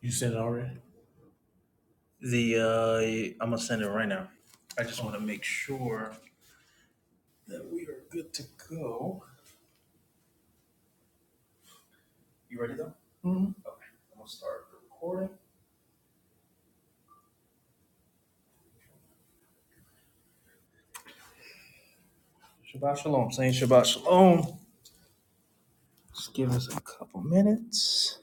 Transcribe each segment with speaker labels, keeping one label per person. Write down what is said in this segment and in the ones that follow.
Speaker 1: You sent it already? The uh, I'm gonna send it right now. I just want to make sure that we are good to go. You ready though? Mm-hmm. Okay, I'm gonna start the recording. Shabbat shalom. Saying Shabbat shalom. Just give us a couple minutes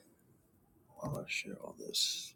Speaker 1: while I share all this.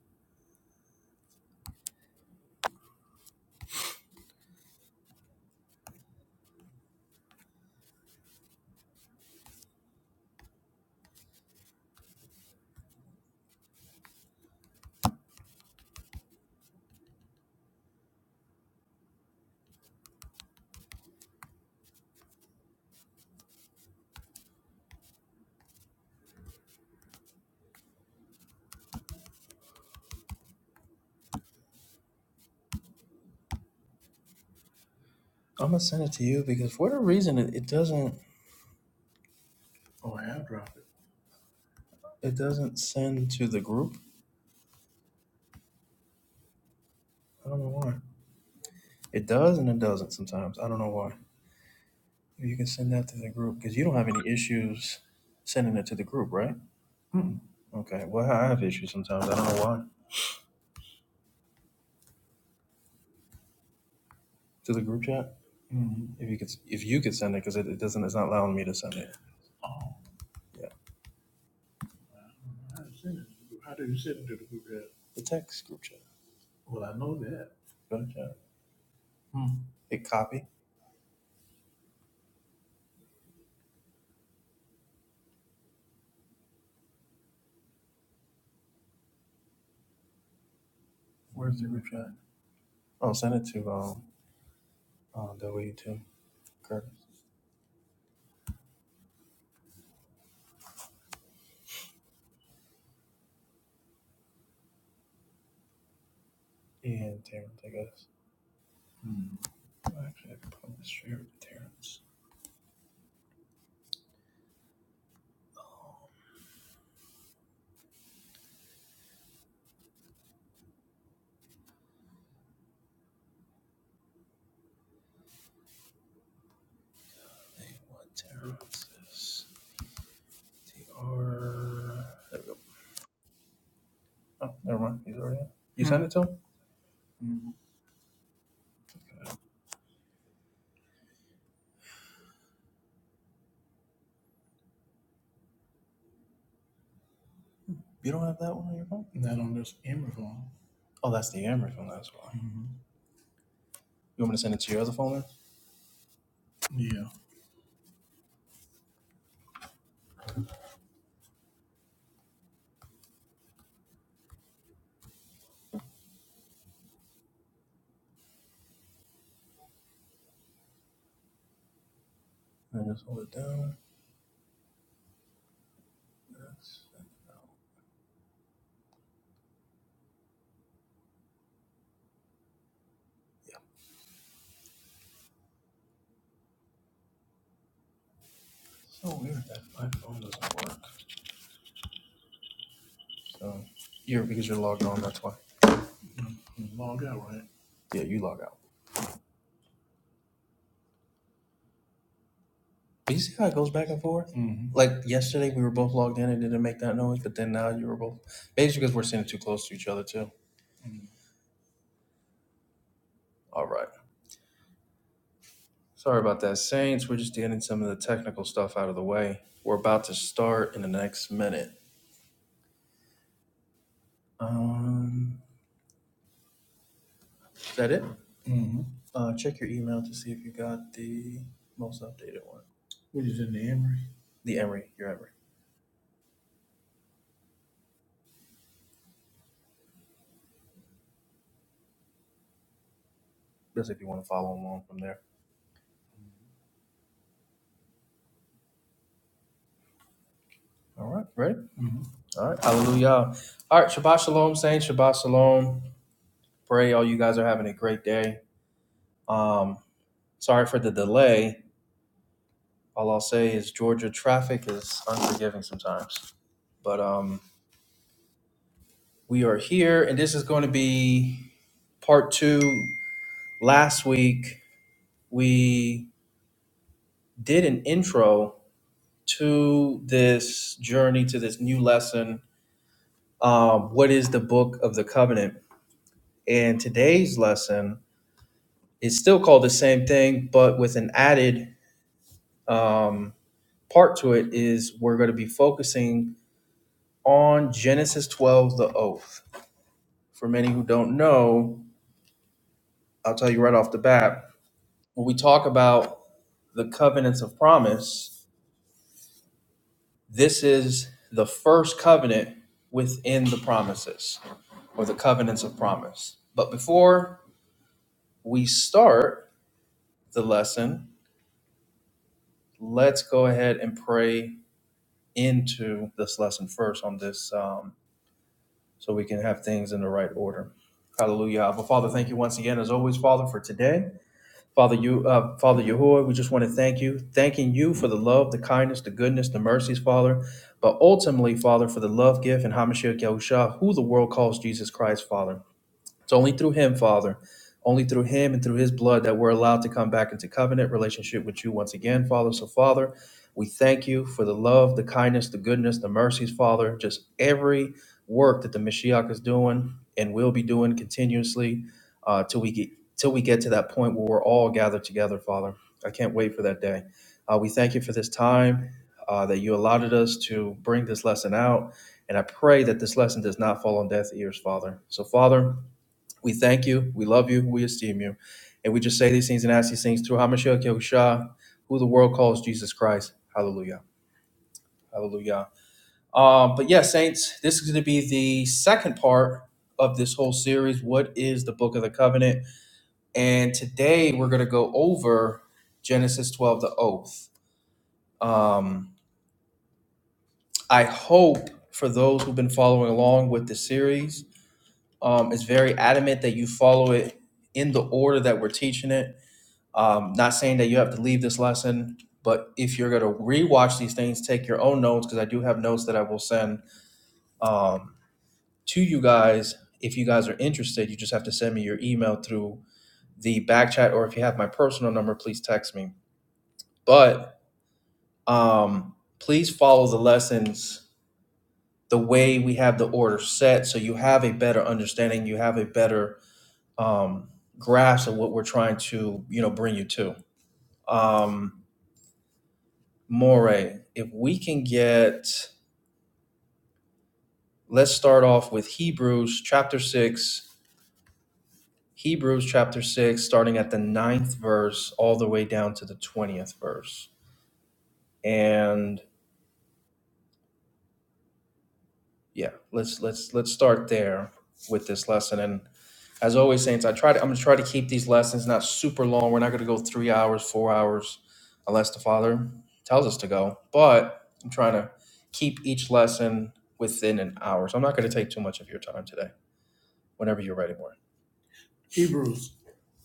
Speaker 1: I'm gonna send it to you because for whatever reason it, it doesn't Oh, I have dropped it. it doesn't send to the group. I don't know why. It does and it doesn't sometimes. I don't know why. You can send that to the group because you don't have any issues sending it to the group, right? Okay. Well, I have issues sometimes. I don't know why. To the group chat. hmm If you could, if you could send it because it, it doesn't, it's not allowing me to send it. Oh, Yeah. I sent it. to the group. How do you send it to the group chat? The text group chat. Well, I know that. Go to chat. Hit copy. Where's the group chat? Oh, send it to um, uh, W two Curtis and Terrence, I guess. Hmm. Well, Actually, I could probably share it with Terrence. What Terra TR. There we go. Oh, never mind. He's already in. You sent mm-hmm. it to him? Mm-hmm. You don't have that one on your phone? Not on this Amber phone. Oh, that's the Amber phone. That's why. hmm You want me to send it to your other phone then? Yeah. I just hold it down. That's, yeah. It's So weird that my phone doesn't work. So you're because you're logged on. That's why. You Log out, right? Yeah, you log out. But you see how it goes back and forth? hmm Like yesterday, we were both logged in and didn't make that noise, but then now you were both. Maybe it's because we're sitting too close to each other, too. Mm-hmm. All right. Sorry about that, Saints. We're just getting some of the technical stuff out of the way. We're about to start in the next minute. Um, is that it? Mm-hmm. Uh, check your email to see if you got the most updated one. What is in the Emory? The Emery, your Emery. That's if you want to follow along from there. All right, ready? Mhm. All right, hallelujah. All right, Shabbat Shalom, Saints. Shabbat Shalom. Pray all you guys are having a great day. Um, sorry for the delay. All I'll say is Georgia traffic is unforgiving sometimes. But um, we are here, and this is going to be part two. Last week, we did an intro to this journey, to this new lesson. Um, what is the book of the covenant? And today's lesson It's still called the same thing, but with an added um, part to it is we're going to be focusing on Genesis 12, the oath. For many who don't know, I'll tell you right off the bat when we talk about the covenants of promise, this is the first covenant within the promises or the covenants of promise. But before we start the lesson, let's go ahead and pray into this lesson first on this. um, so we can have things in the right order. Hallelujah. Abba, Father, thank you once again, as always, Father, for today. Father, you, uh, Father Yahuwah, we just want to thank you, thanking you for the love, the kindness, the goodness, the mercies, Father, but ultimately, Father, for the love gift and Hamashiach Yahusha, who the world calls Jesus Christ, Father. It's only through him, Father, only through him and through his blood that we're allowed to come back into covenant relationship with you once again, Father. So, Father, we thank you for the love, the kindness, the goodness, the mercies, Father, just every work that the Mashiach is doing and will be doing continuously uh, till we get till we get to that point where we're all gathered together, Father. I can't wait for that day. Uh, we thank you for this time uh, that you allowed us to bring this lesson out. And I pray that this lesson does not fall on deaf ears, Father. So, Father, we thank you. We love you. We esteem you. And we just say these things and ask these things through Hamashiach Yahushua, who the world calls Jesus Christ. Hallelujah. Hallelujah. Um, but yeah, saints, this is going to be the second part of this whole series. What is the Book of the Covenant? And today we're going to go over Genesis 12, the oath. Um, I hope for those who've been following along with the series, um, it's very adamant that you follow it in the order that we're teaching it Um, not saying that you have to leave this lesson, but if you're going to rewatch these things, take your own notes because I do have notes that I will send um, to you guys. If you guys are interested, you just have to send me your email through the back chat, or if you have my personal number, please text me. But um, please follow the lessons the way we have the order set so you have a better understanding, you have a better um, grasp of what we're trying to you know bring you to. Um, Moray, if we can get, let's start off with Hebrews chapter 6, Hebrews chapter 6, starting at the ninth verse all the way down to the 20th verse. And yeah, let's let's let's start there with this lesson. And as always, Saints, I try to I'm gonna try to keep these lessons not super long. We're not gonna go three hours, four hours, unless the Father tells us to go. But I'm trying to keep each lesson within an hour. So I'm not gonna take too much of your time today. whenever you're ready, Warren. Hebrews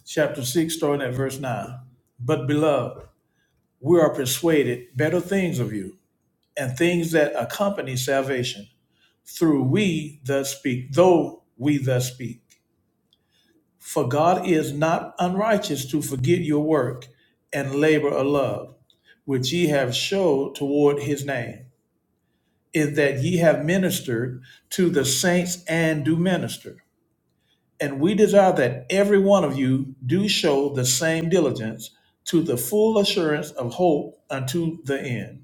Speaker 1: chapter 6, starting at verse 9. But beloved, we are persuaded better things of you, and things that accompany salvation, through we thus speak, though we thus speak. For God is not unrighteous to forget your work and labor of love, which ye have showed toward his name, in that ye have ministered to the saints and do minister. And we desire that every one of you do show the same diligence to the full assurance of hope unto the end,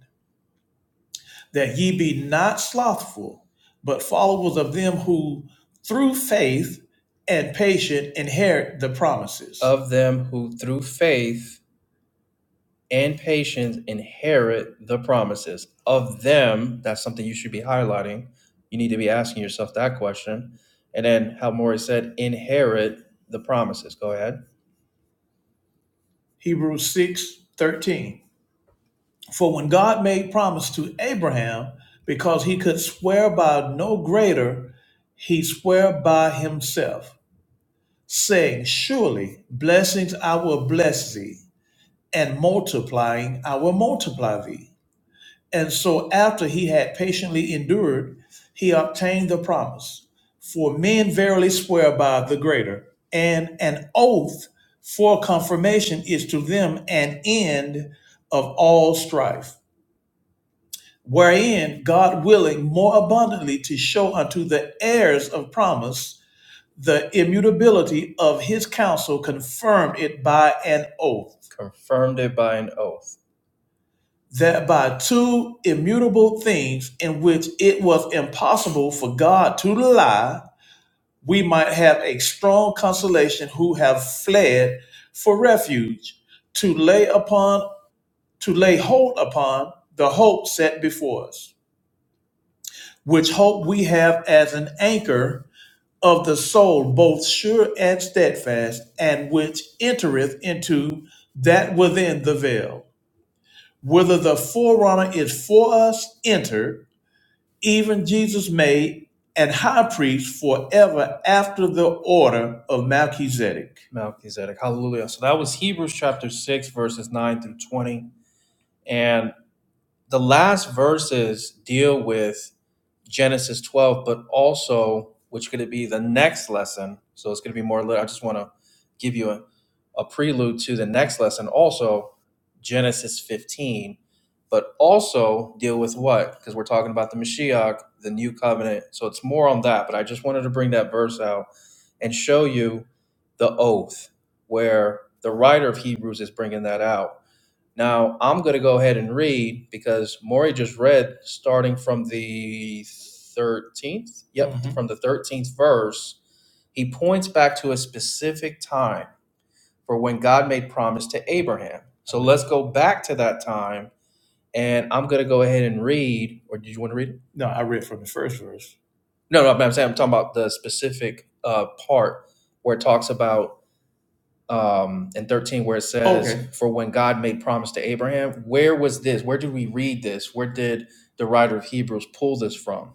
Speaker 1: that ye be not slothful, but followers of them who through faith and patience inherit the promises. of them who through faith and patience inherit the promises. Of them, that's something you should be highlighting. You need to be asking yourself that question. And then how Maury said, inherit the promises. Go ahead. Hebrews 6 13. For when God made promise to Abraham, because he could swear by no greater, he swear by himself, saying, Surely blessings I will bless thee, and multiplying I will multiply thee. And so, after he had patiently endured, he obtained the promise. For men verily swear by the greater, and an oath for confirmation is to them an end of all strife, wherein God willing more abundantly to show unto the heirs of promise the immutability of his counsel, confirmed it by an oath. confirmed it by an oath that by two immutable things in which it was impossible for God to lie, we might have a strong consolation who have fled for refuge to lay upon to lay hold upon the hope set before us, which hope we have as an anchor of the soul, both sure and steadfast, and which entereth into that within the veil, whither the forerunner is for us entered even Jesus made and high priest forever after the order of Melchizedek. Melchizedek. Hallelujah. So that was Hebrews chapter 6, verses 9 through 20. And the last verses deal with Genesis 12, but also, which could it be the next lesson? So it's going to be more, lit- I just want to give you a, a prelude to the next lesson, also Genesis 15, but also deal with what? Because we're talking about the Mashiach, the new covenant. So it's more on that, but I just wanted to bring that verse out and show you the oath where the writer of Hebrews is bringing that out now I'm going to go ahead and read because Maury just read starting from the 13th. Yep, Mhm. from the 13th verse. He points back to a specific time for when God made promise to Abraham. So let's go back to that time and I'm going to go ahead and read. Or did you want to read it? No, I read from the first verse. No, no, I'm saying I'm talking about the specific uh, part where it talks about um, and 13 where it says, okay. For when God made promise to Abraham, where was this? Where do we read this? Where did the writer of Hebrews pull this from?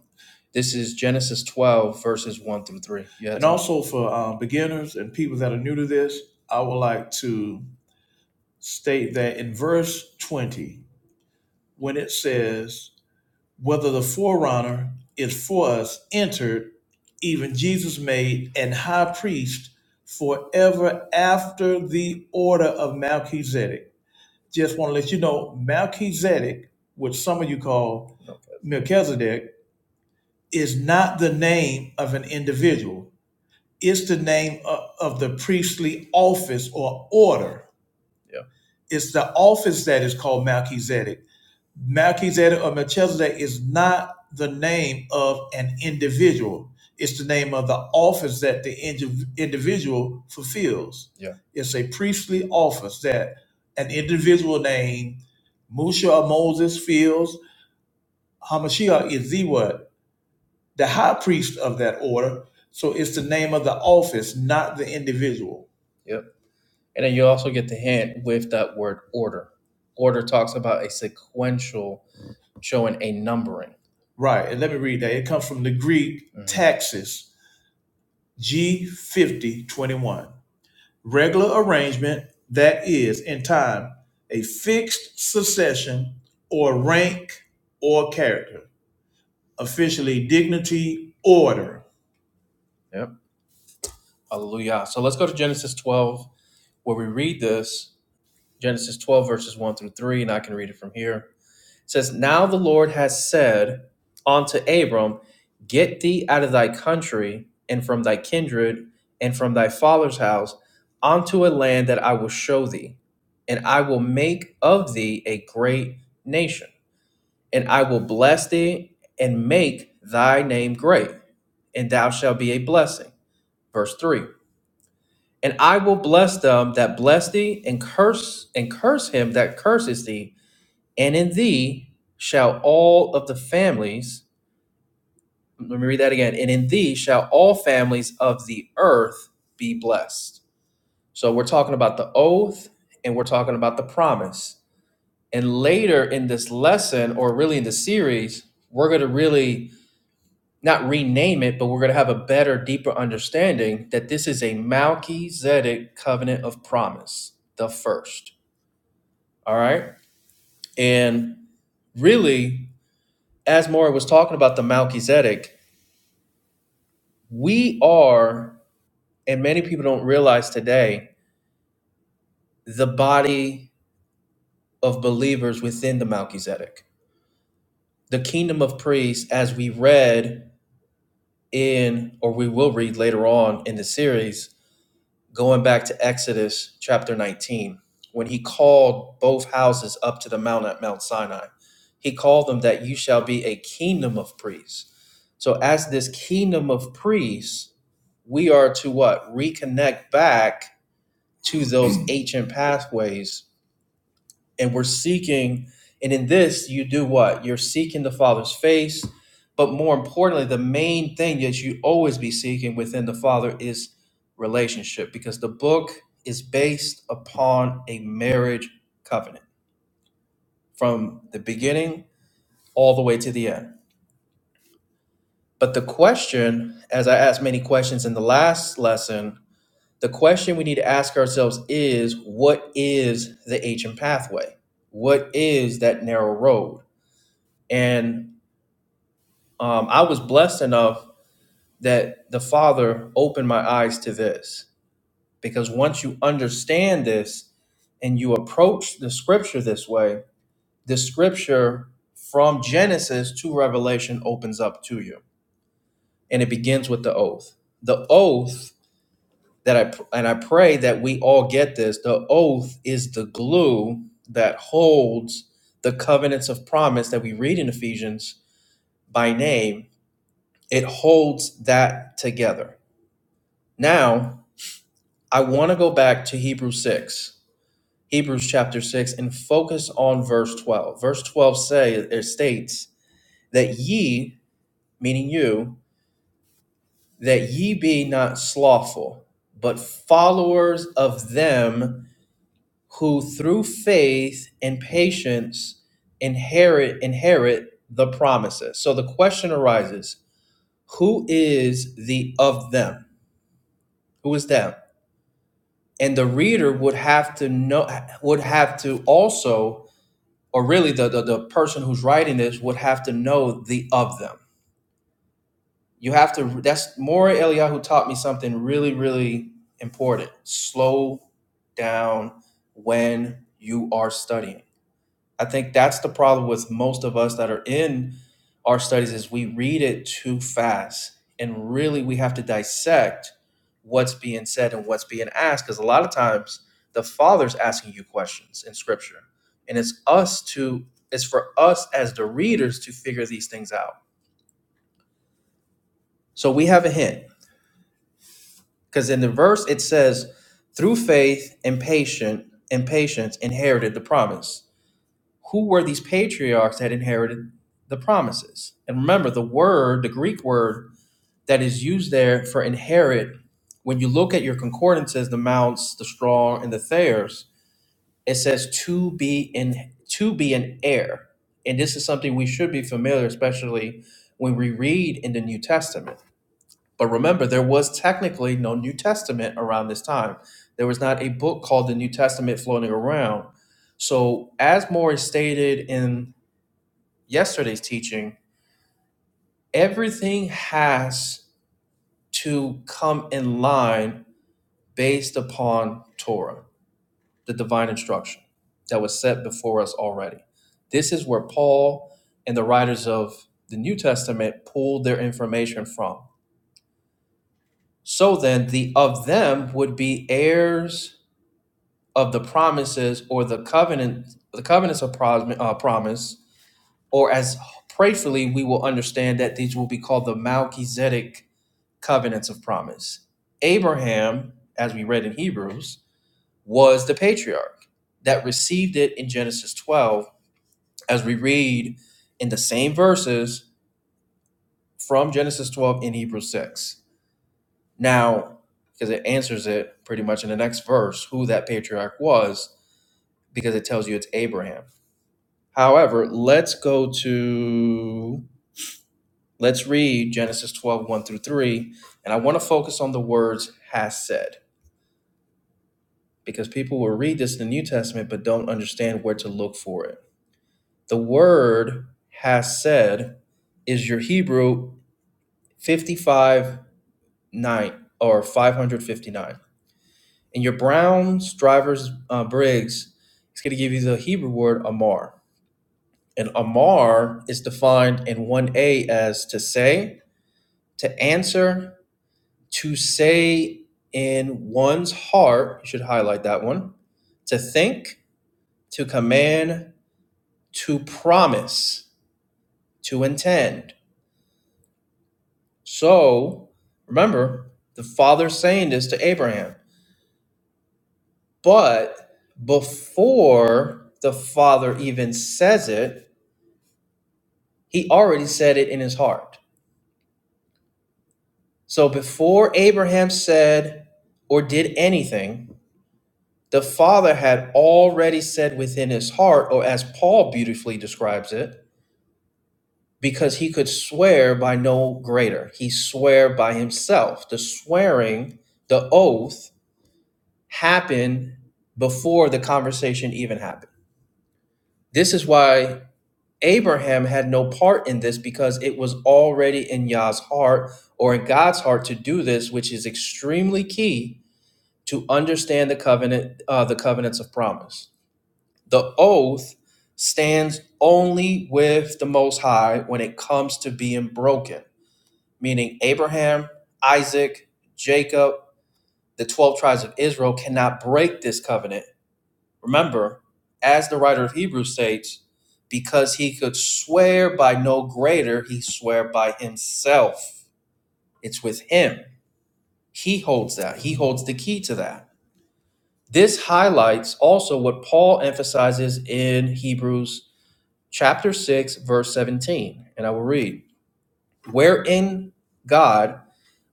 Speaker 1: This is Genesis 12, verses 1 through 3. You And also for uh, beginners and people that are new to this, I would like to state that in verse 20, when it says, whether the forerunner is for us entered, even Jesus made an high priest forever after the order of Melchizedek. Just want to let you know Melchizedek, which some of you call Melchizedek, is not the name of an individual, it's the name of, of the priestly office or order. It's the office that is called Melchizedek Melchizedek or Melchizedek is not the name of an individual. It's the name of the office that the indi- individual fulfills. Yeah. It's a priestly office that an individual named Musha or Moses fills. Hamashiach is the what? The high priest of that order. So it's the name of the office, not the individual. Yep. And then you also get the hint with that word order. Order talks about a sequential showing a numbering. Right. And let me read that. It comes from the Greek Mhm. taxes G5021. Regular arrangement that is in time a fixed succession or rank or character, officially dignity, order. Yep. Hallelujah. So let's go to Genesis 12, where we read this Genesis 12, verses 1 through 3, and I can read it from here. It says, Now the Lord has said unto Abram, Get thee out of thy country and from thy kindred and from thy father's house unto a land that I will show thee, and I will make of thee a great nation, and I will bless thee and make thy name great, and thou shalt be a blessing. Verse 3. And I will bless them that bless thee, and curse and curse him that curses thee, and in thee shall all of the families, let me read that again. And in thee shall all families of the earth be blessed. So we're talking about the oath and we're talking about the promise. And later in this lesson, or really in the series, we're going to really not rename it, but we're going to have a better, deeper understanding that this is a Melchizedek covenant of promise, the first. All right. And really, as Maury was talking about the Melchizedek, we are, and many people don't realize today, the body of believers within the Melchizedek. The kingdom of priests, as we read in, or we will read later on in the series, going back to Exodus chapter 19, when he called both houses up to the mount at Mount Sinai, he called them that you shall be a kingdom of priests. So, as this kingdom of priests, we are to what? Reconnect back to those ancient pathways. And we're seeking, and in this, you do what? You're seeking the Father's face. But more importantly, the main thing that you always be seeking within the Father is relationship because the book is based upon a marriage covenant from the beginning all the way to the end. But the question, as I asked many questions in the last lesson, the question we need to ask ourselves is what is the ancient pathway? What is that narrow road? And um, I was blessed enough that the Father opened my eyes to this because once you understand this and you approach the scripture this way, the scripture from Genesis to Revelation opens up to you and it begins with the oath. The oath that I and I pray that we all get this. The oath is the glue that holds the covenants of promise that we read in Ephesians by name. It holds that together. Now, I want to go back to Hebrews 6, Hebrews chapter 6, and focus on verse 12. Verse 12 say, it states that ye, meaning you, that ye be not slothful, but followers of them who through faith and patience inherit inherit the promises. So the question arises, who is the of them? Who is them? And the reader would have to know would have to also or really the, the, the person who's writing this would have to know the of them. You have to that's Maury Eliyahu taught me something really, really important. Slow down when you are studying I think that's the problem with most of us that are in our studies is we read it too fast and really we have to dissect what's being said and what's being asked because a lot of times the father's asking you questions in scripture and it's us to it's for us as the readers to figure these things out so we have a hint because in the verse it says through faith and patient and patience inherited the promise who were these patriarchs that inherited the promises? And remember, the word, the Greek word that is used there for inherit, when you look at your concordances, the mounts, the strong, and the Thayers, it says to be in to be an heir. And this is something we should be familiar, especially when we read in the New Testament. But remember, there was technically no New Testament around this time. There was not a book called the New Testament floating around. So, as Morris stated in yesterday's teaching, everything has to come in line based upon Torah, the divine instruction that was set before us already. This is where Paul and the writers of the New Testament pulled their information from. So then, the of them would be heirs of the promises or the covenant, the covenants of pros- uh, promise, or as prayerfully we will understand that these will be called the Melchizedek covenants of promise. Abraham, as we read in Hebrews, was the patriarch that received it in Genesis 12, as we read in the same verses from Genesis 12 in Hebrews 6. Now, because it answers it pretty much in the next verse, who that patriarch was, because it tells you it's Abraham. However, let's go to, let's read Genesis twelve one through 3, and I want to focus on the words has said because people will read this in the New Testament but don't understand where to look for it. The word has said is your Hebrew 55 9 or 559. And your Browns, Drivers, uh, Briggs, it's going to give you the Hebrew word Amar. And Amar is defined in 1a as to say, to answer, to say in one's heart, you should highlight that one, to think, to command, to promise, to intend. So remember, the father saying this to Abraham. But before the father even says it, he already said it in his heart. So before Abraham said or did anything, the father had already said within his heart, or as Paul beautifully describes it, because he could swear by no greater. He swore by himself. The swearing, the oath happened before the conversation even happened. This is why Abraham had no part in this because it was already in Yah's heart or in God's heart to do this, which is extremely key to understand the covenant, uh, the covenants of promise. The oath stands only with the Most High when it comes to being broken meaning Abraham, Isaac, Jacob, the 12 tribes of Israel cannot break this covenant. Remember, as the writer of Hebrews states, because he could swear by no greater, he swore by himself. It's with him. He holds that. He holds the key to that. This highlights also what Paul emphasizes in Hebrews chapter 6 verse 17, and I will read, "Wherein God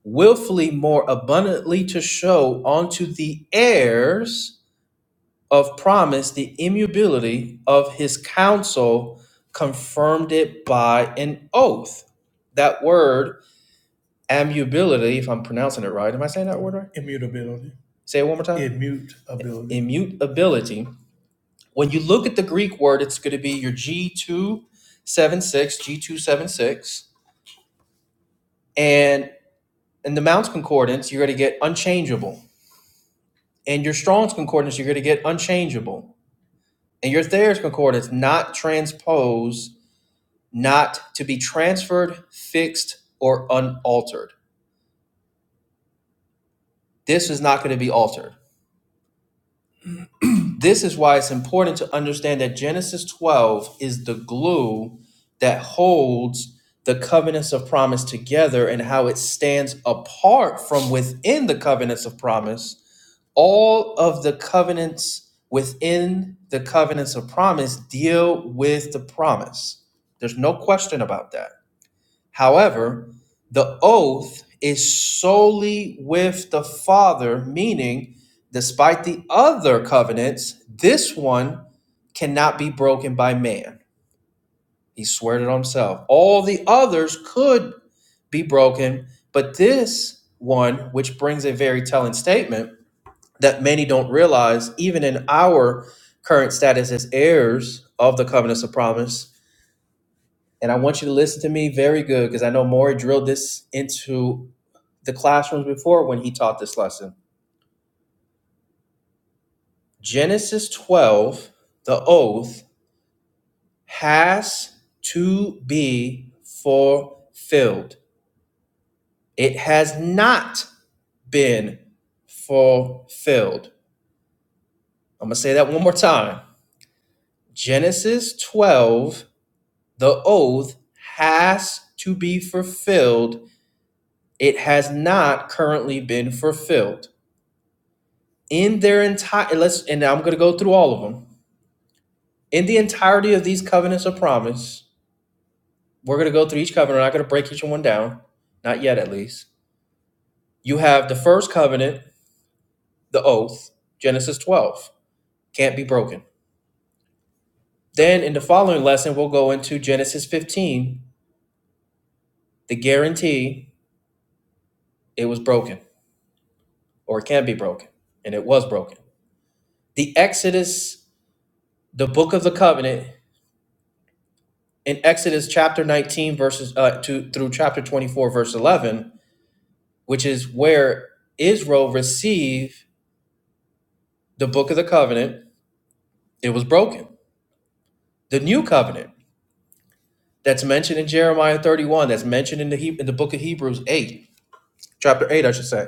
Speaker 1: willfully more abundantly to show unto the heirs of promise the immutability of his counsel, confirmed it by an oath. That word, immutability, if I'm pronouncing it right, am I saying that word right? Immutability. Say it one more time. Immutability. Immutability. When you look at the Greek word, it's going to be your G276, G276. And in the Mount's Concordance, you're going to get unchangeable and your Strong's concordance, you're going to get unchangeable. And your Thayer's concordance, not transposed, not to be transferred, fixed, or unaltered. This is not going to be altered. This is why it's important to understand that Genesis 12 is the glue that holds the covenants of promise together and how it stands apart from within the covenants of promise all of the covenants within the covenants of promise deal with the promise. There's no question about that. However, the oath is solely with the Father, meaning, despite the other covenants, this one cannot be broken by man. He swore it on himself. All the others could be broken, but this one, which brings a very telling statement, that many don't realize, even in our current status as heirs of the covenants of promise. And I want you to listen to me very good because I know Maury drilled this into the classrooms before when he taught this lesson. Genesis 12, the oath, has to be fulfilled. It has not been fulfilled. I'm going to say that one more time. Genesis 12 The oath has to be fulfilled. It has not currently been fulfilled. In their entire let's and I'm going to go through all of them. In the entirety of these covenants of promise, we're going to go through each covenant. We're not going to break each one down, not yet at least. You have the first covenant, the oath, Genesis 12, can't be broken. Then in the following lesson, we'll go into Genesis 15, the guarantee it was broken or it can be broken, and it was broken. the Exodus, the book of the covenant, in Exodus chapter 19, verses uh, to, through chapter 24, verse 11, which is where Israel received the book of the covenant, it was broken. The new covenant that's mentioned in Jeremiah 31, that's mentioned in the, Heb in the book of Hebrews 8, chapter 8, I should say.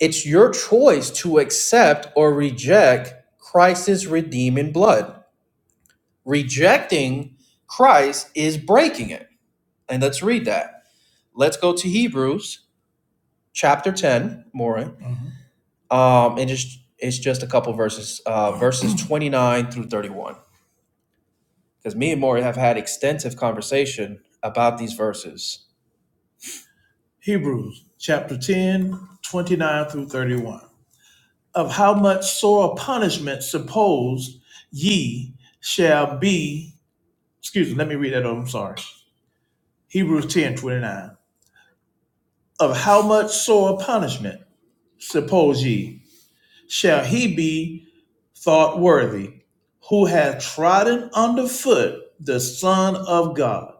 Speaker 1: It's your choice to accept or reject Christ's redeeming blood. Rejecting Christ is breaking it. And let's read that. Let's go to Hebrews chapter 10, Maureen. hmm Um, and just it's just a couple verses, uh, verses 29 through 31. Because me and Maury have had extensive conversation about these verses. Hebrews chapter 10, 29 through 31. Of how much sore punishment suppose ye shall be, excuse me, let me read that over, I'm sorry. Hebrews 10 29, Of how much sore punishment suppose ye shall he be thought worthy, who hath trodden under foot the Son of God,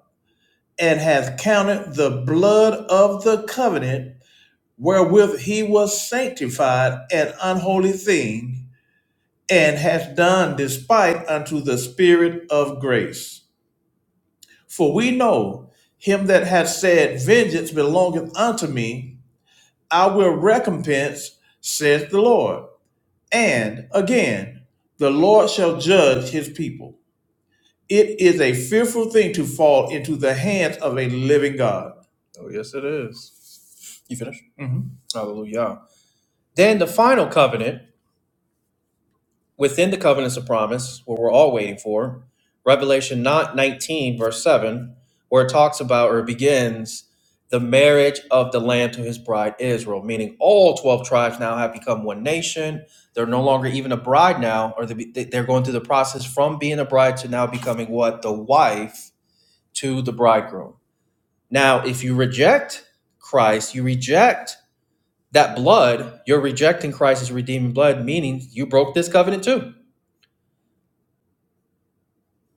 Speaker 1: and hath counted the blood of the covenant wherewith he was sanctified an unholy thing, and hath done despite unto the Spirit of grace. For we know him that hath said, Vengeance belongeth unto me, I will recompense, saith the Lord. And again, the Lord shall judge his people. It is a fearful thing to fall into the hands of a living God. Oh, yes, it is. You finished? Mhm. Hallelujah. Then the final covenant within the covenants of promise, what we're all waiting for, Revelation 9, 19, verse 7, where it talks about or begins the marriage of the Lamb to his bride Israel, meaning all 12 tribes now have become one nation. They're no longer even a bride now, or they're going through the process from being a bride to now becoming what? The wife to the bridegroom. Now, if you reject Christ, you reject that blood, you're rejecting Christ's redeeming blood, meaning you broke this covenant too.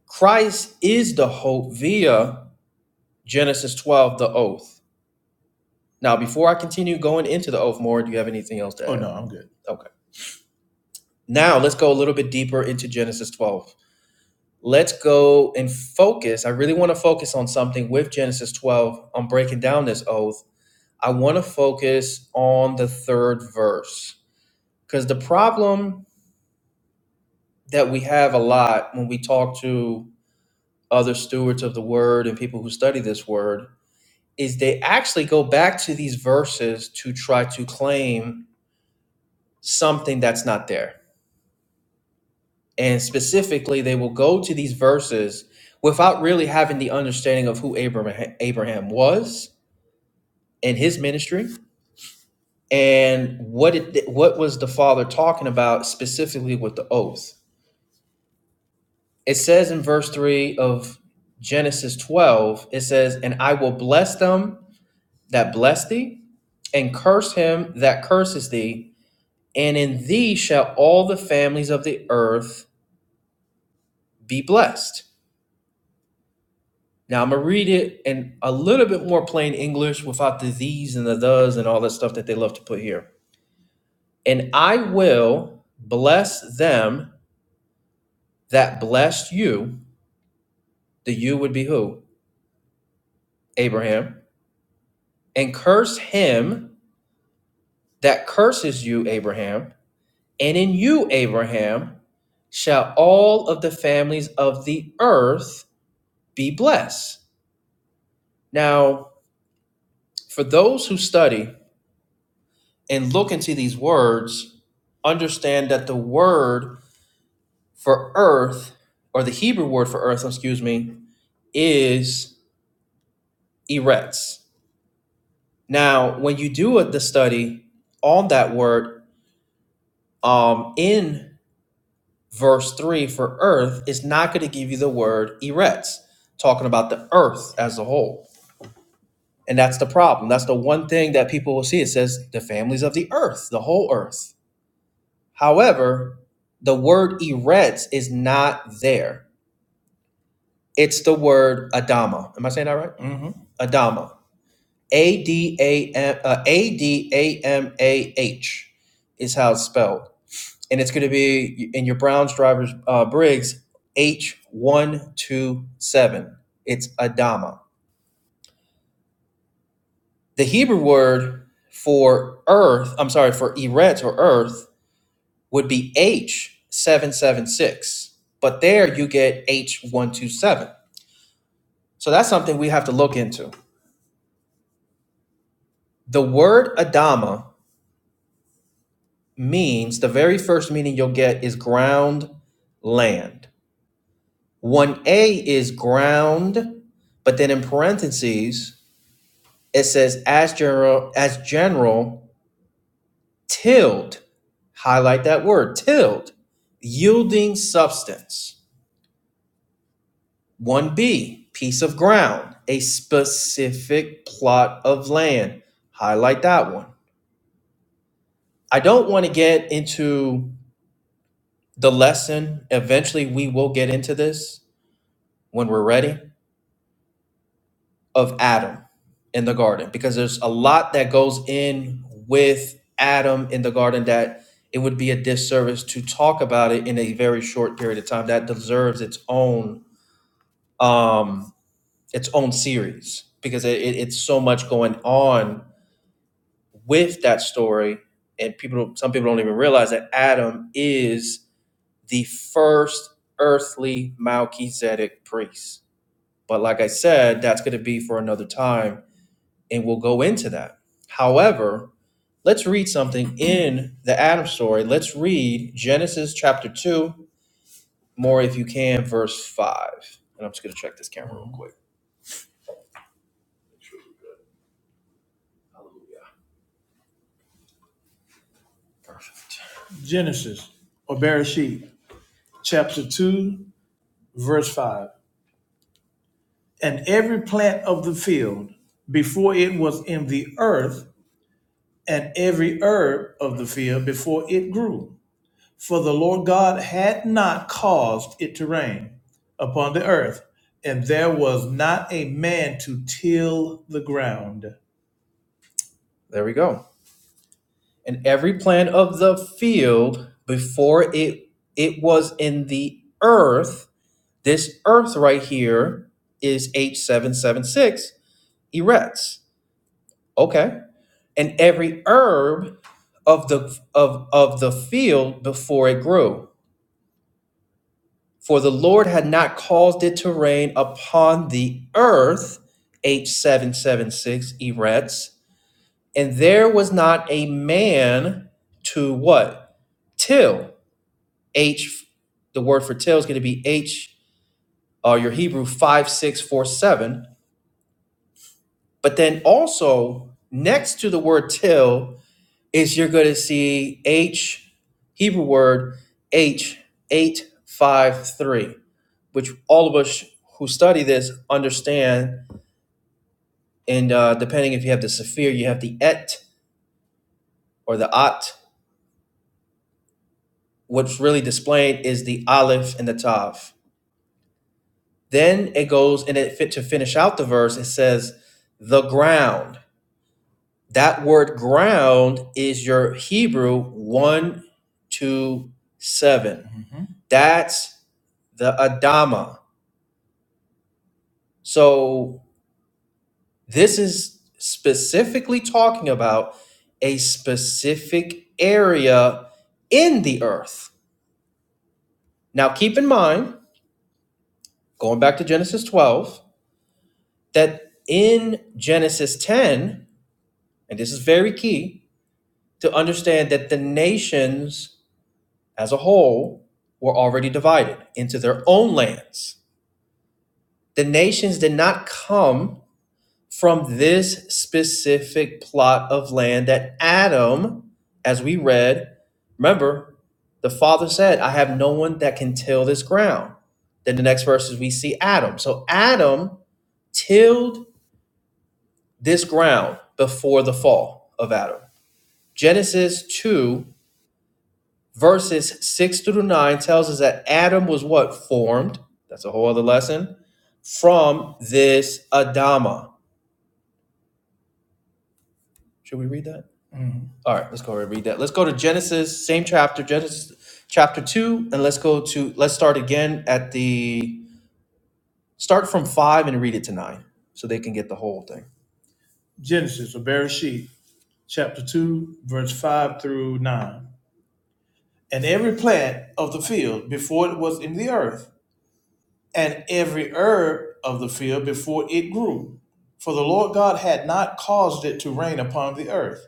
Speaker 1: Christ is the hope via Genesis 12, the oath. Now, before I continue going into the oath more, do you have anything else to add? Oh no, I'm good. Okay. Now let's go a little bit deeper into Genesis 12. Let's go and focus. I really want to focus on something with Genesis 12 on breaking down this oath I want to focus on the third verse because the problem that we have a lot when we talk to other stewards of the word and people who study this word is they actually go back to these verses to try to claim something that's not there. And specifically, they will go to these verses without really having the understanding of who Abraham, Abraham was and his ministry and what it what was the father talking about specifically with the oath it says in verse 3 of Genesis 12, it says, And I will bless them that bless thee, and curse him that curses thee, and in thee shall all the families of the earth be blessed. Now I'm gonna read it in a little bit more plain English without the these and the does and all that stuff that they love to put here. And I will bless them that blessed you, the you would be who? Abraham, and curse him that curses you, Abraham, and in you, Abraham, shall all of the families of the earth be blessed. Now, for those who study and look into these words, understand that the word for earth, or the Hebrew word for earth, excuse me, is eretz. Now, when you do the study on that word um, in verse 3 for earth is not going to give you the word eretz, talking about the earth as a whole. And that's the problem. That's the one thing that people will see. It says the families of the earth, the whole earth. However, the word eretz is not there. It's the word Adama. Am I saying that right? hmm Adama. A D A M uh, A D A M A H is how it's spelled. and it's going to be in your Browns driver's uh, Briggs H127. It's Adama. The Hebrew word for earth, I'm sorry, for Eret or earth would be H776, but there you get H127. So that's something we have to look into. The word Adama means the very first meaning you'll get is ground, land. 1A is ground, but then in parentheses, It says as general as general tilled. Highlight that word tilled. Yielding substance. 1B, piece of ground, a specific plot of land. Highlight that one. I don't want to get into the lesson. Eventually, we will get into this when we're ready of Adam in the garden because there's a lot that goes in with Adam in the garden that it would be a disservice to talk about it in a very short period of time that deserves its own um its own series because it, it- it's so much going on with that story and people some people don't even realize that Adam is the first earthly Melchizedek priest but like I said that's going to be for another time and we'll go into that. However, let's read something in the Adam story. Let's read Genesis chapter 2, more if you can, verse 5. And I'm just going to check this camera real quick. Genesis or Bereshit, chapter 2, verse 5. And every plant of the field before it was in the earth, and every herb of the field before it grew. For the Lord God had not caused it to rain upon the earth, and there was not a man to till the ground. There we go. And every plant of the field before it it was in the earth, this earth right here is H776 erects. Okay. And every herb of the of of the field before it grew. For the Lord had not caused it to rain upon the earth, H776 Eretz, and there was not a man to what? Till. H, the word for till is going to be H, uh, your Hebrew 5647. But then also, next to the word till, is you're going to see H, Hebrew word H853. which all of us who study this understand. And uh, depending if you have the Sephir, you have the Et or the At. What's really displayed is the Aleph and the Tav. Then it goes and it fit to finish out the verse. It says, the ground. That word ground is your Hebrew one, two, seven. Mm-hmm. That's the Adama. So This is specifically talking about a specific area in the earth. Now, keep in mind, going back to Genesis 12, that in Genesis 10, and this is very key to understand that the nations as a whole were already divided into their own lands. The nations did not come from this specific plot of land that Adam, as we read, remember, the father said, I have no one that can till this ground. Then the next verses we see Adam. So Adam tilled this ground before the fall of Adam. Genesis 2, verses 6 through 9 tells us that Adam was what? Formed. That's a whole other lesson. From this Adama. Should we read that? Mm-hmm. All right, let's go ahead and read that. Let's go to Genesis, same chapter, Genesis chapter 2, and let's go to, let's start again at the, start from 5 and read it to 9 so they can get the whole thing. Genesis or Bereshit, chapter 2, verse 5 through 9. And every plant of the field before it was in the earth, and every herb of the field before it grew. For the Lord God had not caused it to rain upon the earth,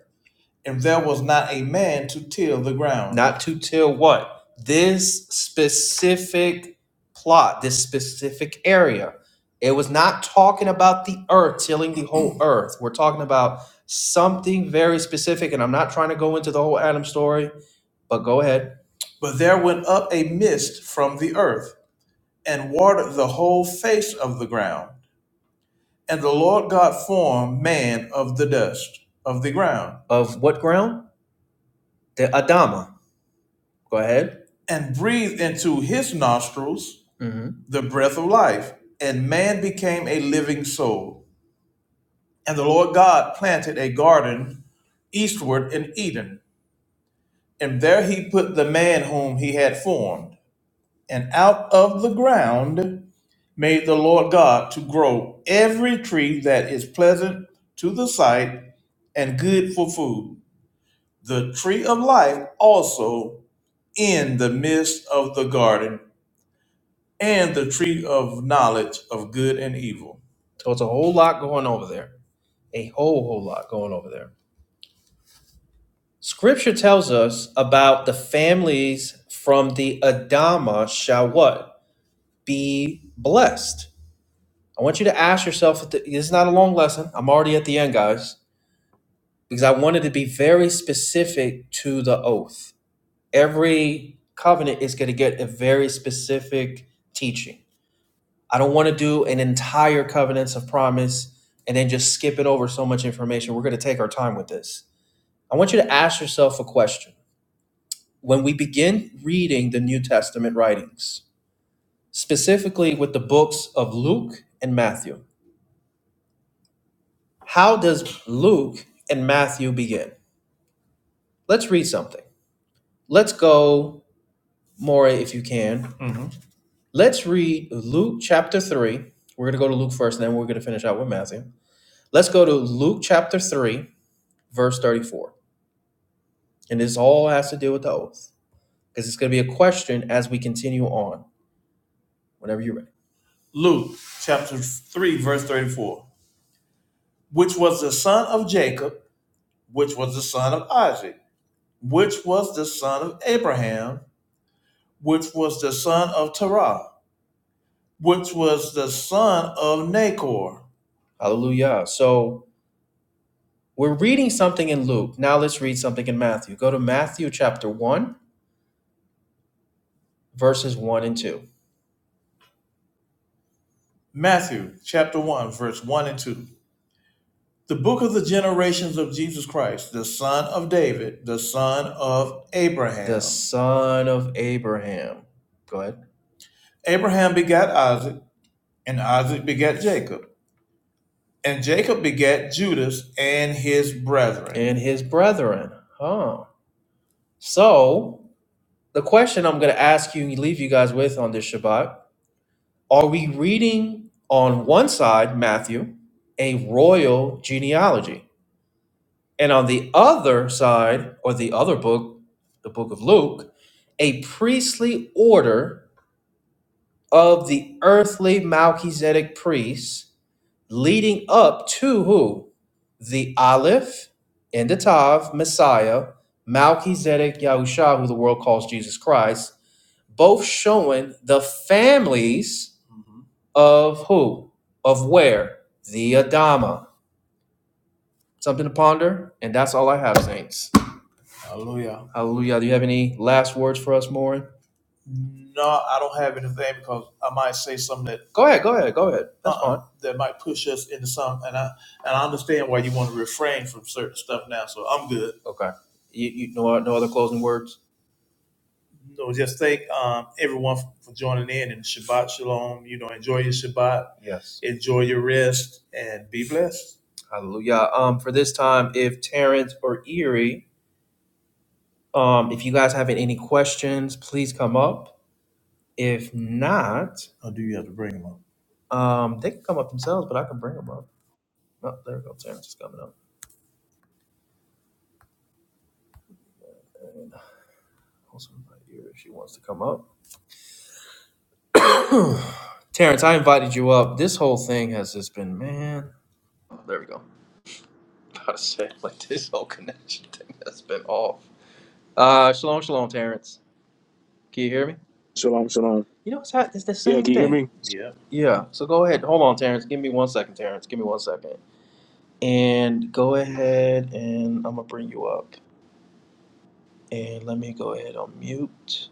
Speaker 1: and there was not a man to till the ground. Not to till what? This specific plot, this specific area. It was not talking about the earth, tilling the whole earth. We're talking about something very specific, and I'm not trying to go into the whole Adam story, but go ahead. But there went up a mist from the earth, and watered the whole face of the ground. And the Lord God formed man of the dust of the ground, Of what ground? The Adama. Go ahead. and breathed into his nostrils hmm the breath of life, and man became a living soul. And the Lord God planted a garden eastward in Eden, and there he put the man whom he had formed. And out of the ground made the Lord God to grow every tree that is pleasant to the sight and good for food. The tree of life also in the midst of the garden and the tree of knowledge of good and evil. So it's a whole lot going over there. A whole, whole lot going over there. Scripture tells us about the families from the Adama shall what? Be blessed. I want you to ask yourself, this is not a long lesson. I'm already at the end, guys, because I wanted to be very specific to the oath. Every covenant is going to get a very specific teaching I don't want to do an entire covenants of promise and then just skip it over so much information. We're going to take our time with this. I want you to ask yourself a question. When we begin reading the New Testament writings, specifically with the books of Luke and Matthew, how does Luke and Matthew begin? Let's read something. Let's go, More, if you can. Mhm. Let's read Luke chapter 3. We're going to go to Luke first, and then we're going to finish out with Matthew. Let's go to Luke chapter 3 verse 34. And this all has to do with the oath because it's going to be a question as we continue on whenever you're ready. Luke chapter 3, verse 34. Which was the son of Jacob, which was the son of Isaac, which was the son of Abraham, which was the son of Terah, which was the son of Nahor. Hallelujah. So we're reading something in Luke. Now let's read something in Matthew. Go to Matthew chapter 1, verses 1 and 2. Matthew chapter 1, verse 1 and 2. The book of the generations of Jesus Christ, the son of David, the son of Abraham. The son of Abraham. Go ahead. Abraham begat Isaac, and Isaac begat Jacob, and Jacob begat Judas and his brethren. And his brethren. Huh. So, the question I'm going to ask you and leave you guys with on this Shabbat are we reading on one side, Matthew, a royal genealogy? And on the other side, or the other book, the book of Luke, a priestly order of the earthly Melchizedek priests leading up to who? The Aleph and the Tav, Messiah, Melchizedek Yahusha, who the world calls Jesus Christ, both showing the families Mhm. of who? Of where? The Adama. Something to ponder, and that's all I have, Saints. Hallelujah. Hallelujah. Do you have any last words for us, Morin? No, I don't have anything because I might say something that Go ahead. Go ahead. Go ahead. That's uh-uh, fine. that might push us into some. And I and I understand why you want to refrain from certain stuff now. So I'm good. Okay. You, you no, no other closing words. No, just thank um, everyone for, for joining in and Shabbat Shalom. You know, enjoy your Shabbat, Yes. enjoy your rest, and be blessed. Hallelujah. Um, for this time, if Terrence or Erie um, if you guys have any questions, please come up. If not, Or do you have to bring them up? um, they can come up themselves, but I can bring them up. Oh, there we go. Terrence is coming up. And also invite you if she wants to come up. Terrence, I invited you up. This whole thing has just been, man. Oh, there we go. About to say, like this whole connection thing has been off. Uh, shalom, shalom, Terrence. Can you hear me?
Speaker 2: Shalom, shalom.
Speaker 1: You know, it's, hot. it's the
Speaker 2: Yeah,
Speaker 1: same
Speaker 2: can you hear
Speaker 1: thing.
Speaker 2: me?
Speaker 1: Yeah. Yeah. So go ahead. Hold on, Terrence. Give me one second, Terrence. Give me one second. And go ahead and I'm gonna bring you up. And let me go ahead on mute.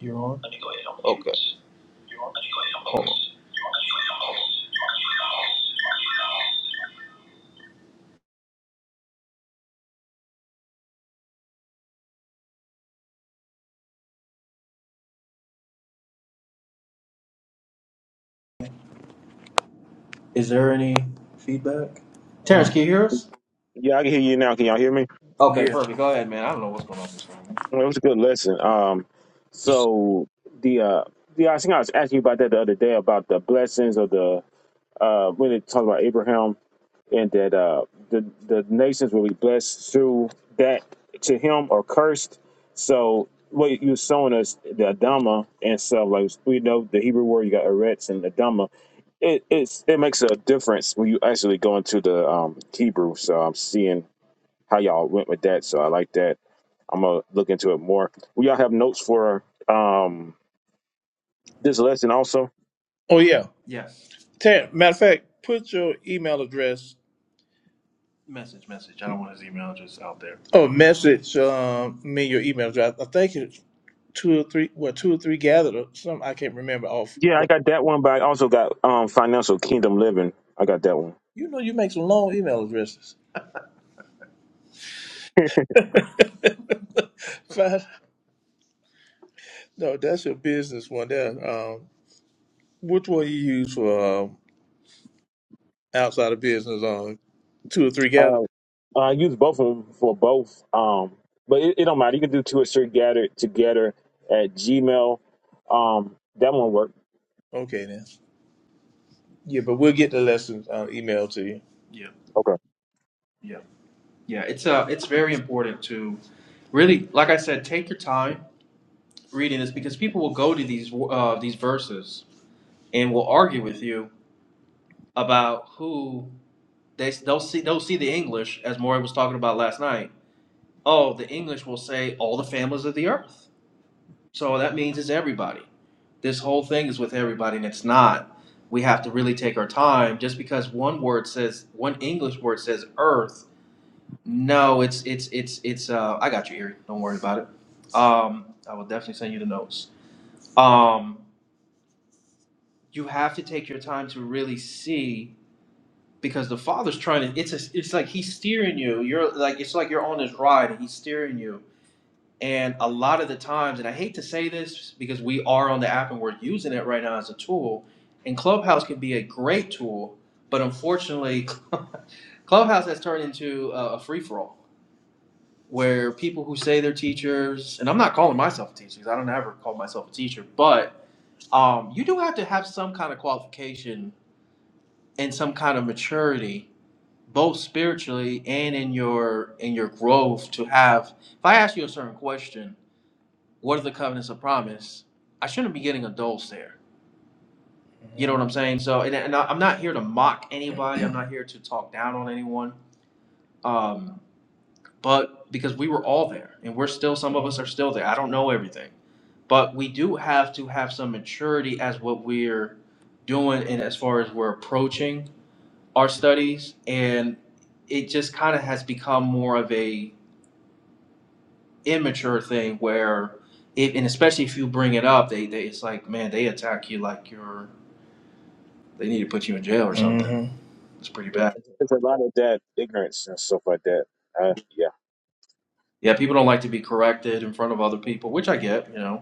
Speaker 1: You're on. Let me go ahead on mute. Okay. Hold on.
Speaker 3: Is there any feedback? Terrence, can you hear us?
Speaker 2: Yeah, I can hear you now. Can y'all hear me?
Speaker 3: Okay, Yeah. perfect. Go ahead, man. I don't know what's going on with this phone.
Speaker 2: Well, it was a good lesson. Um, so the uh, yeah, I think I was asking you about that the other day about the blessings of the uh when it talked about Abraham and that uh the the nations will be blessed through that to him or cursed. So what you were showing us the Adama and stuff like we know the Hebrew word you got Eretz and Adama. It it's it makes a difference when you actually go into the um Hebrew. So I'm seeing. how y'all went with that. So I like that. I'm gonna look into it more. We all have notes for um this lesson also.
Speaker 3: Oh yeah. Yes. Ter- matter of fact, put your email address Message, message. I don't want his email just out there. or message um, me your email address. I think it's two or three. Well, two or three gathered or something. I can't remember off.
Speaker 2: Yeah, I
Speaker 3: Right.
Speaker 2: got that one, but I also got um financial kingdom living. I got that one.
Speaker 3: You know, you make some long email addresses. Five, no, that's your business one. There. Um, which one you use for um, outside of business? On two or three gathered.
Speaker 2: Uh, I use both of them for both. Um, but it, it don't matter. You can do two or three gathered together at Gmail. Um, that one worked.
Speaker 3: Okay then. Yeah, but we'll get the lessons uh, emailed to you. Yeah,
Speaker 2: Okay.
Speaker 3: yeah, yeah. It's uh, it's very important to really, like I said, take your time reading this because people will go to these uh, these verses and will argue with you about who they they'll see they'll see the English as Maury was talking about last night. Oh, the English will say all the families of the earth, so that means it's everybody. This whole thing is with everybody, and it's not. We have to really take our time. Just because one word says one English word says earth No, it's it's it's it's uh I got you, Erie. Don't worry about it. Um I will definitely send you the notes. Um you have to take your time to really see because the father's trying to it's a, it's like he's steering you. You're like it's like you're on his ride and he's steering you. And a lot of the times, and I hate to say this because we are on the app and we're using it right now as a tool, and Clubhouse can be a great tool, but unfortunately Clubhouse has turned into a, a free for all where people who say they're teachers, and I'm not calling myself a teacher because I don't ever call myself a teacher, but um, you do have to have some kind of qualification and some kind of maturity, both spiritually and in your in your growth to have. If I ask you a certain question, what are the covenants of promise? I shouldn't be getting a dull stare. You know what I'm saying? So, and, and I- I'm not here to mock anybody. I'm not here to talk down on anyone. Um, but because we were all there, and we're still, some of us are still there. I don't know everything but we do have to have some maturity as what we're doing and as far as we're approaching our studies and it just kind of has become more of a immature thing where it, and especially if you bring it up they, they it's like man they attack you like you're they need to put you in jail or something hmm it's pretty bad
Speaker 2: It's a lot of that ignorance and stuff like that. Uh, yeah.
Speaker 3: yeah people don't like to be corrected in front of other people which i get you know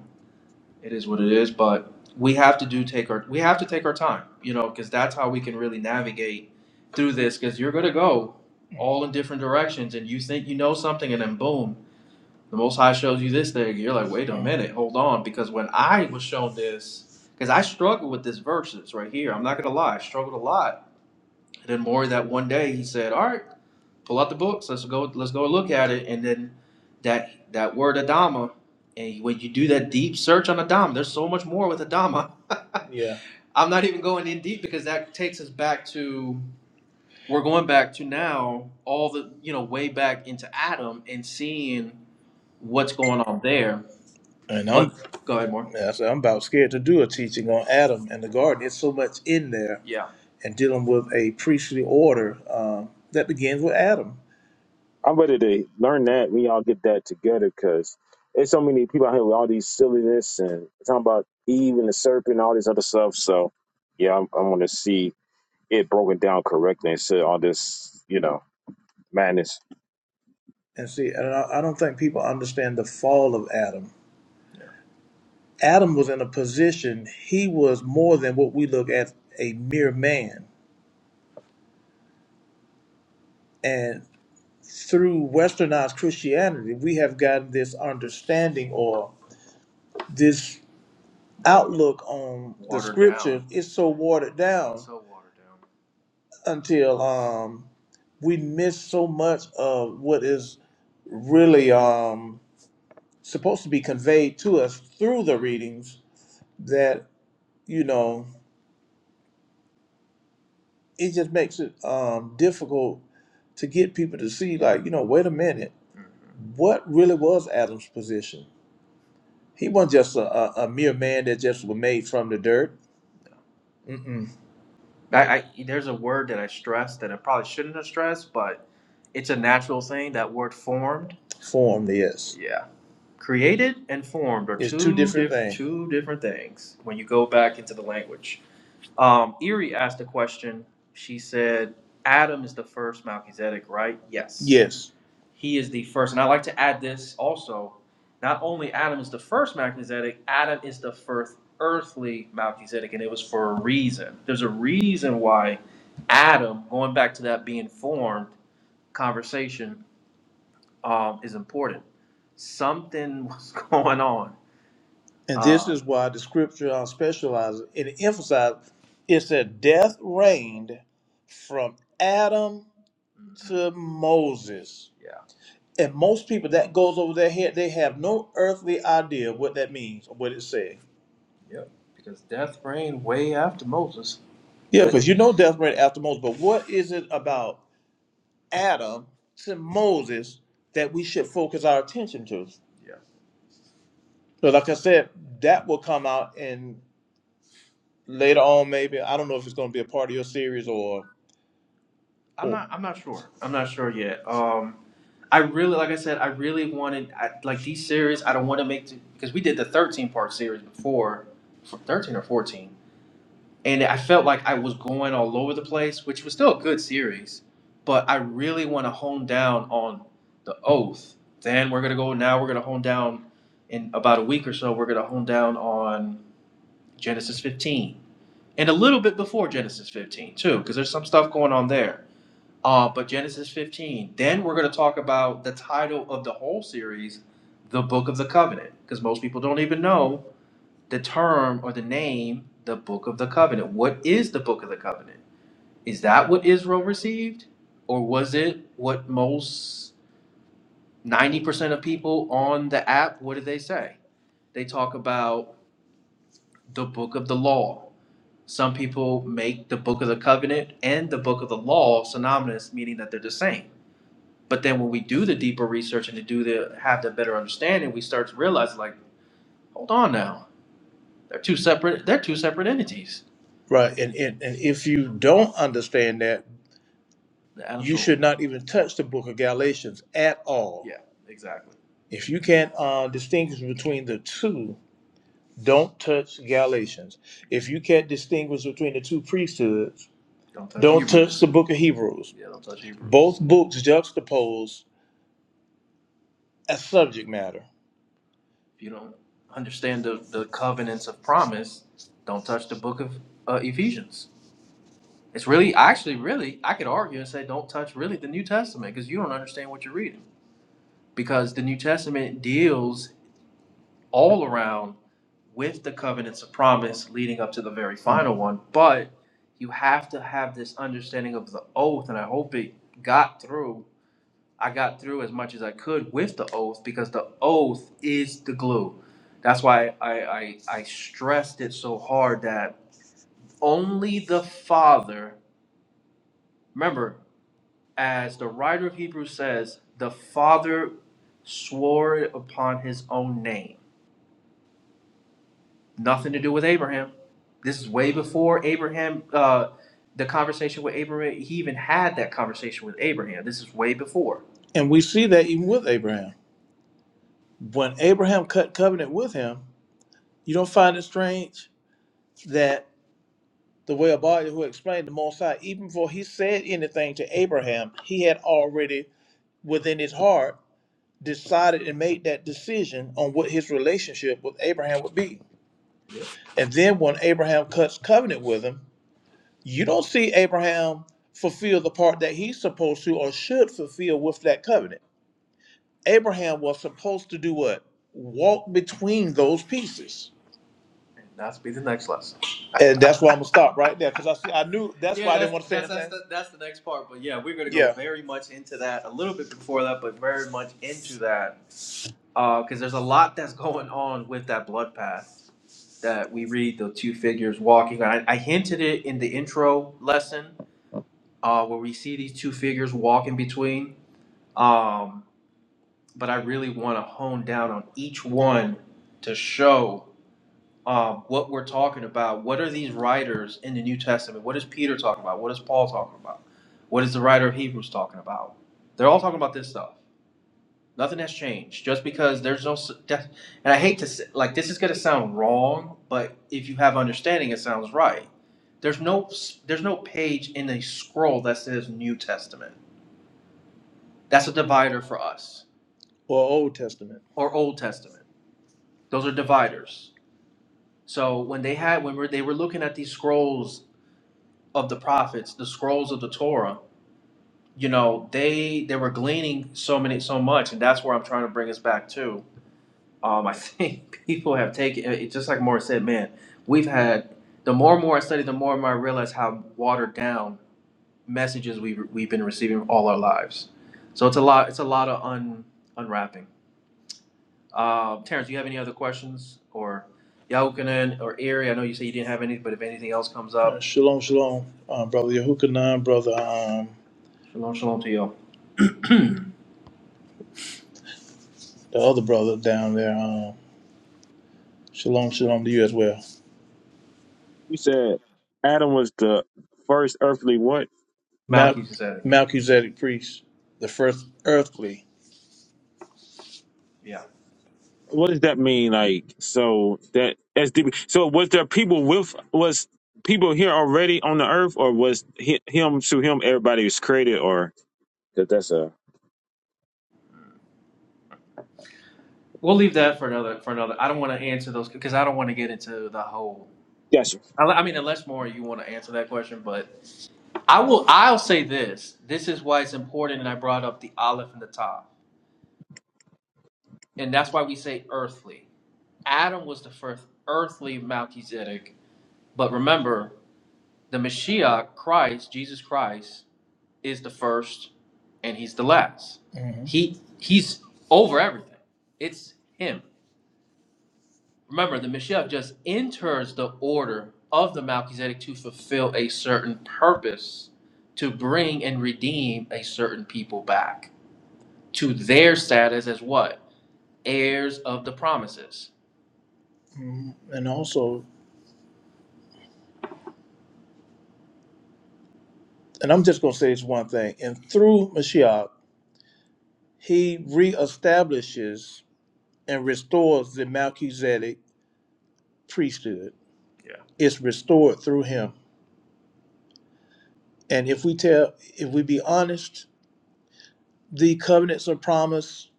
Speaker 3: It is what it is, but we have to do take our we have to take our time, you know, because that's how we can really navigate through this. Because you're gonna go all in different directions, and you think you know something, and then boom, the Most High shows you this thing. You're like, wait a minute, hold on, because when I was shown this, because I struggled with this verses right here. I'm not gonna lie, I struggled a lot. And then more that one day he said, all right pull out the books. Let's go. Let's go look at it. And then that that word Adama, and when you do that deep search on Adama, there's so much more with Adama. Yeah. I'm not even going in deep because that takes us back to we're going back to now all the you know way back into Adam and seeing what's going on there. And I'm But go ahead, Mark. yeah, I I'm about scared to do a teaching on Adam and the garden. It's so much in there Yeah. and dealing with a priestly order um, that begins with Adam.
Speaker 2: I'm ready to learn that. We all get that together because there's so many people out here with all these silliness and talking about Eve and the serpent and all this other stuff. So, yeah, I'm, I want to see it broken down correctly instead of all this, you know, madness.
Speaker 3: And see, and I, I don't think people understand the fall of Adam. Adam was in a position, he was more than what we look at a mere man. And through westernized Christianity, we have gotten this understanding or this outlook on the Watered down. scripture. It's so watered down So watered down. until um, we miss so much of what is really um, supposed to be conveyed to us through the readings you know, it just makes it um, difficult to get people to see, like, you know, wait a minute, what really was Adam's position? He wasn't just a, a, a mere man that just was made from the dirt. Mm-mm. I, I there's a word that I stressed that I probably shouldn't have stressed, but it's a natural thing. That word formed. Formed, yes. Yeah. Created and formed are It's two two different diff- things. two different things when you go back into the language. Um, Erie asked a question. She said, Adam is the first Melchizedek, right? Yes. Yes. He is the first. And I like to add this also. Not only Adam is the first Melchizedek, Adam is the first earthly Melchizedek, and it was for a reason. There's a reason why Adam, going back to that being formed conversation, um, is important. Something was going on and this Uh, is why the scripture on specializes it emphasizes it said death reigned from Adam mhm, to Moses. yeah. And most people that goes over their head, they have no earthly idea what that means or what it says. Yep. Because death reigned way after Moses. Yeah, because you know death reigned after Moses, but what is it about Adam to Moses that we should focus our attention to? Yeah. So like I said, that will come out in later on maybe. I don't know if it's going to be a part of your series or I'm or not. I'm not sure. I'm not sure yet. Um, I really, like I said, I really wanted I, like these series. I don't want to make because we did the 13 part series before, f- 13 or 14, and I felt like I was going all over the place, which was still a good series, but I really want to hone down on the oath. Then we're gonna go. Now we're gonna hone down in about a week or so. We're gonna hone down on Genesis 15 and a little bit before Genesis 15 too, because there's some stuff going on there. Uh, but Genesis 15. Then we're going to talk about the title of the whole series, the Book of the Covenant, because most people don't even know the term or the name, the Book of the Covenant. What is the Book of the Covenant? Is that what Israel received, or was it what most 90% of people on the app? What did they say? They talk about the Book of the Law Some people make the book of the covenant and the book of the law synonymous, meaning that they're the same. But then when we do the deeper research and to do the have the better understanding, we start to realize like, hold on now. They're two separate they're two separate entities. Right. And, and, and if you don't understand that, you Absolutely. should Absolutely. not even touch the book of Galatians at all. Yeah, exactly. If you can't uh, distinguish between the two, Don't touch Galatians. If you can't distinguish between the two priesthoods, Don't touch don't Hebrews. touch the book of Hebrews. Yeah, don't touch Hebrews. Both books juxtapose a subject matter. If you don't understand the, the covenants of promise, don't touch the book of uh, Ephesians. It's really, actually, really, I could argue and say don't touch really the New Testament because you don't understand what you're reading. Because the New Testament deals all around with the covenants of promise leading up to the very final one. But you have to have this understanding of the oath, and I hope it got through. I got through as much as I could with the oath because the oath is the glue. That's why I, I, I stressed it so hard that only the Father, remember, as the writer of Hebrews says, the Father swore upon his own name Nothing to do with Abraham. This is way before Abraham, uh, the conversation with Abraham. He even had that conversation with Abraham. This is way before. And we see that even with Abraham. When Abraham cut covenant with him, you don't find it strange that the way about it, who explained the Most High, even before he said anything to Abraham, he had already within his heart decided and made that decision on what his relationship with Abraham would be. Yeah. And then when Abraham cuts covenant with him, you don't see Abraham fulfill the part that he's supposed to or should fulfill with that covenant. Abraham was supposed to do what? Walk between those pieces. And that's be the next lesson. And that's why I'm gonna stop right there because I see I knew that's Yeah, why Yeah, I didn't that's want to say that's that's anything. the, that's the next part. But yeah, we're gonna go Yeah, very much into that a little bit before that, but very much into that because there's a lot that's going on with that blood path that we read the two figures walking. I, I hinted it in the intro lesson uh, where we see these two figures walk in between. Um, but I really want to hone down on each one to show um, what we're talking about. What are these writers in the New Testament? What is Peter talking about? What is Paul talking about? What is the writer of Hebrews talking about? They're all talking about this stuff. Nothing has changed. Just because there's no, s- that- and I hate to say, like this is going to sound wrong, but if you have understanding, it sounds right. There's no, s- there's no page in a scroll that says New Testament That's a divider for us. or Old Testament. or Old Testament. Those are dividers. So when they had when we're, they were looking at these scrolls of the prophets, the scrolls of the Torah, you know, they they were gleaning so many so much, and that's where I'm trying to bring us back to. Um, I think people have taken it just like Morris said, man. We've had the more and more I study, the more and more I realize how watered down messages we we've, we've been receiving all our lives. So it's a lot. It's a lot of un, unwrapping. Uh, Terrence, do you have any other questions or Yahukanan or Erie? I know you say you didn't have any, but if anything else comes Uh, up, shalom, shalom, uh, brother Yehukanan, brother, um, shalom, shalom to you. the other brother down there. Um, shalom, shalom to you as well.
Speaker 2: You said Adam was the first earthly what?
Speaker 3: Mal- Malchus said it. Melchizedek priest, the first earthly. Yeah,
Speaker 2: What does that mean? Like, so that that's deep. So, was there people with was people here already on the earth, or was hi- him through him everybody was created, or 'cause that's a
Speaker 3: we'll leave that for another for another. I don't want to answer those because I don't want to get into the whole. I I mean, unless more you want to answer that question, but I will. I'll say this. This is why it's important, and I brought up the olive and the top, and that's why we say earthly. Adam was the first earthly Melchizedek, but remember, the Mashiach, Christ, Jesus Christ, is the first, and he's the last. hmm He he's over everything. It's him. Remember, the Mashiach just enters the order of the Melchizedek to fulfill a certain purpose, to bring and redeem a certain people back to their status as what? Heirs of the promises. Mhm. And also, and I'm just going to say this one thing. And through Mashiach, he reestablishes and restores the Melchizedek priesthood. Yeah. It's restored through him. And if we tell, if we be honest, the covenants of promise,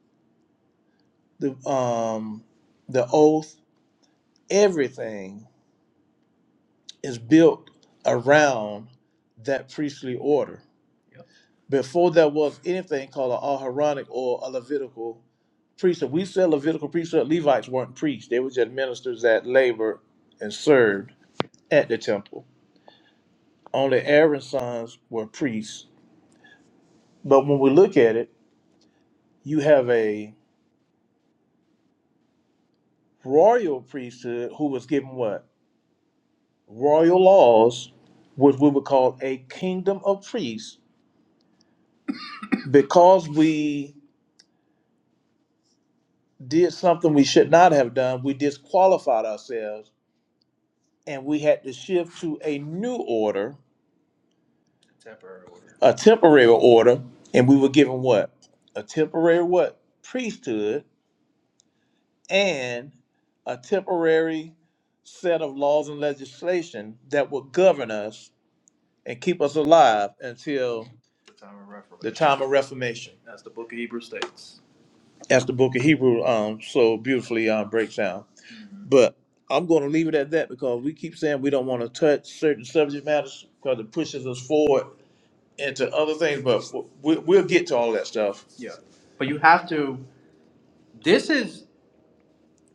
Speaker 3: the um, the oath, everything is built around that priestly order. Yep. Before there was anything called an Aharonic or a Levitical priesthood. We said Levitical priesthood, Levites weren't priests. They were just ministers that labored and served at the temple. Only Aaron's sons were priests. But when we look at it, you have a royal priesthood who was given what? Royal laws, which we would call a kingdom of priests, because we did something we should not have done. We disqualified ourselves and we had to shift to a new order, temporary order. a temporary order, and we were given what? A temporary what? Priesthood and a temporary set of laws and legislation that would govern us and keep us alive until the time of Reformation, The time of Reformation. as the book of Hebrews states. As the book of Hebrew um, so beautifully um, breaks down. But I'm going to leave it at that because we keep saying we don't want to touch certain subject matters because it pushes us forward into other things. But we, we'll get to all that stuff. Yeah. But you have to, this is,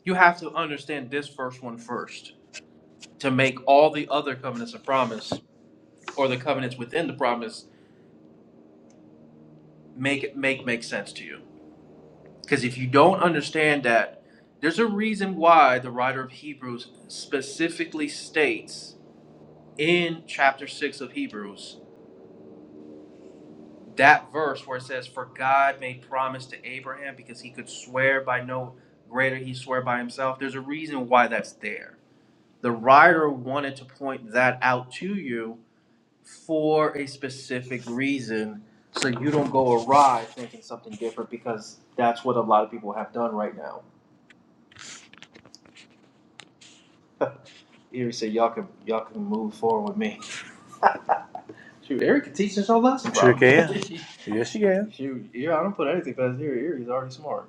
Speaker 3: you have to understand this first one first to make all the other covenants of promise or the covenants within the promise make it make make sense to you. Because if you don't understand that, there's a reason why the writer of Hebrews specifically states in chapter 6 of Hebrews that verse where it says, For God made promise to Abraham because he could swear by no greater, he swore by himself. There's a reason why that's there. The writer wanted to point that out to you for a specific reason so you don't go awry thinking something different because that's what a lot of people have done right now. Eric said, Y'all can y'all can move forward with me. Shoot, Eric can teach us our lesson, Sure bro. can. Yes, you can. Shoot, yeah, I don't put anything past Eric. Eric is already smart.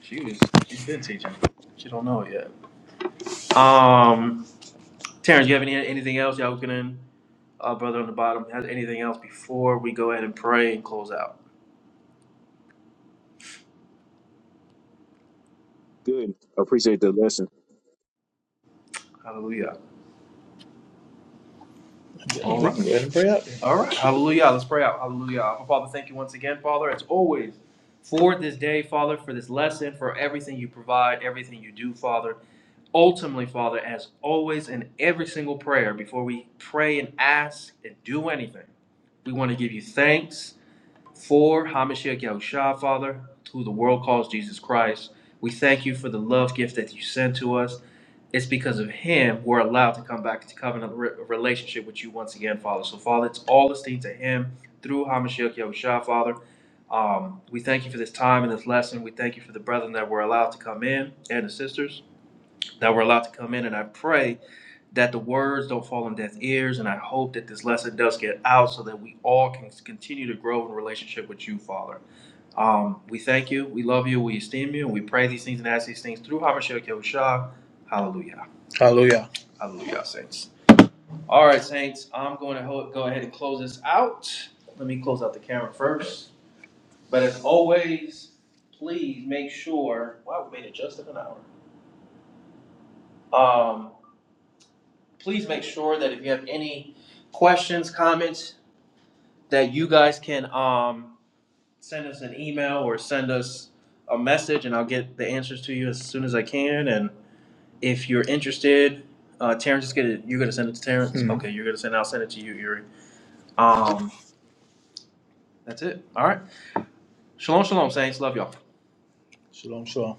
Speaker 3: She was. She's been teaching. She don't know it yet. Um, Terrence, you have any anything else? Y'all can. Our brother on the bottom has anything else before we go ahead and pray and close out.
Speaker 2: Good. I appreciate the lesson.
Speaker 3: Hallelujah. Yeah, All we right. can go ahead and pray out. then. All right. Hallelujah. Let's pray out. Hallelujah. Our Father, thank you once again, Father, as always, for this day, Father, for this lesson, for everything you provide, everything you do, Father. Ultimately, Father, as always, in every single prayer, before we pray and ask and do anything, we want to give you thanks. For Hamashiach Yahushua, Father, who the world calls Jesus Christ, we thank you for the love gift that you sent to us. It's because of him we're allowed to come back into covenant re- relationship with you once again, Father. So, Father, it's all esteemed to him through Hamashiach Yahushua, Father. Um, we thank you for this time and this lesson. We thank you for the brethren that were allowed to come in and the sisters that were allowed to come in. And I pray that the words don't fall on deaf ears. And I hope that this lesson does get out so that we all can continue to grow in relationship with you, Father. Um, we thank you, we love you, we esteem you, and we pray these things and ask these things through Hamashiach Yahushua. Hallelujah. Hallelujah. Hallelujah, saints. All right, saints. I'm going to ho- go ahead and close this out. Let me close out the camera first. But as always, please make sure. Wow, we made it just in an hour. Um, please make sure that if you have any questions, comments, that you guys can um send us an email or send us a message, and I'll get the answers to you as soon as I can. And if you're interested, uh, Terrence is gonna you're gonna send it to Terrence. Mhm. Okay, you're gonna send. it. I'll send it to you, Yuri. Um, that's it. All right. Shalom, shalom, saints. Love y'all. Shalom, shalom.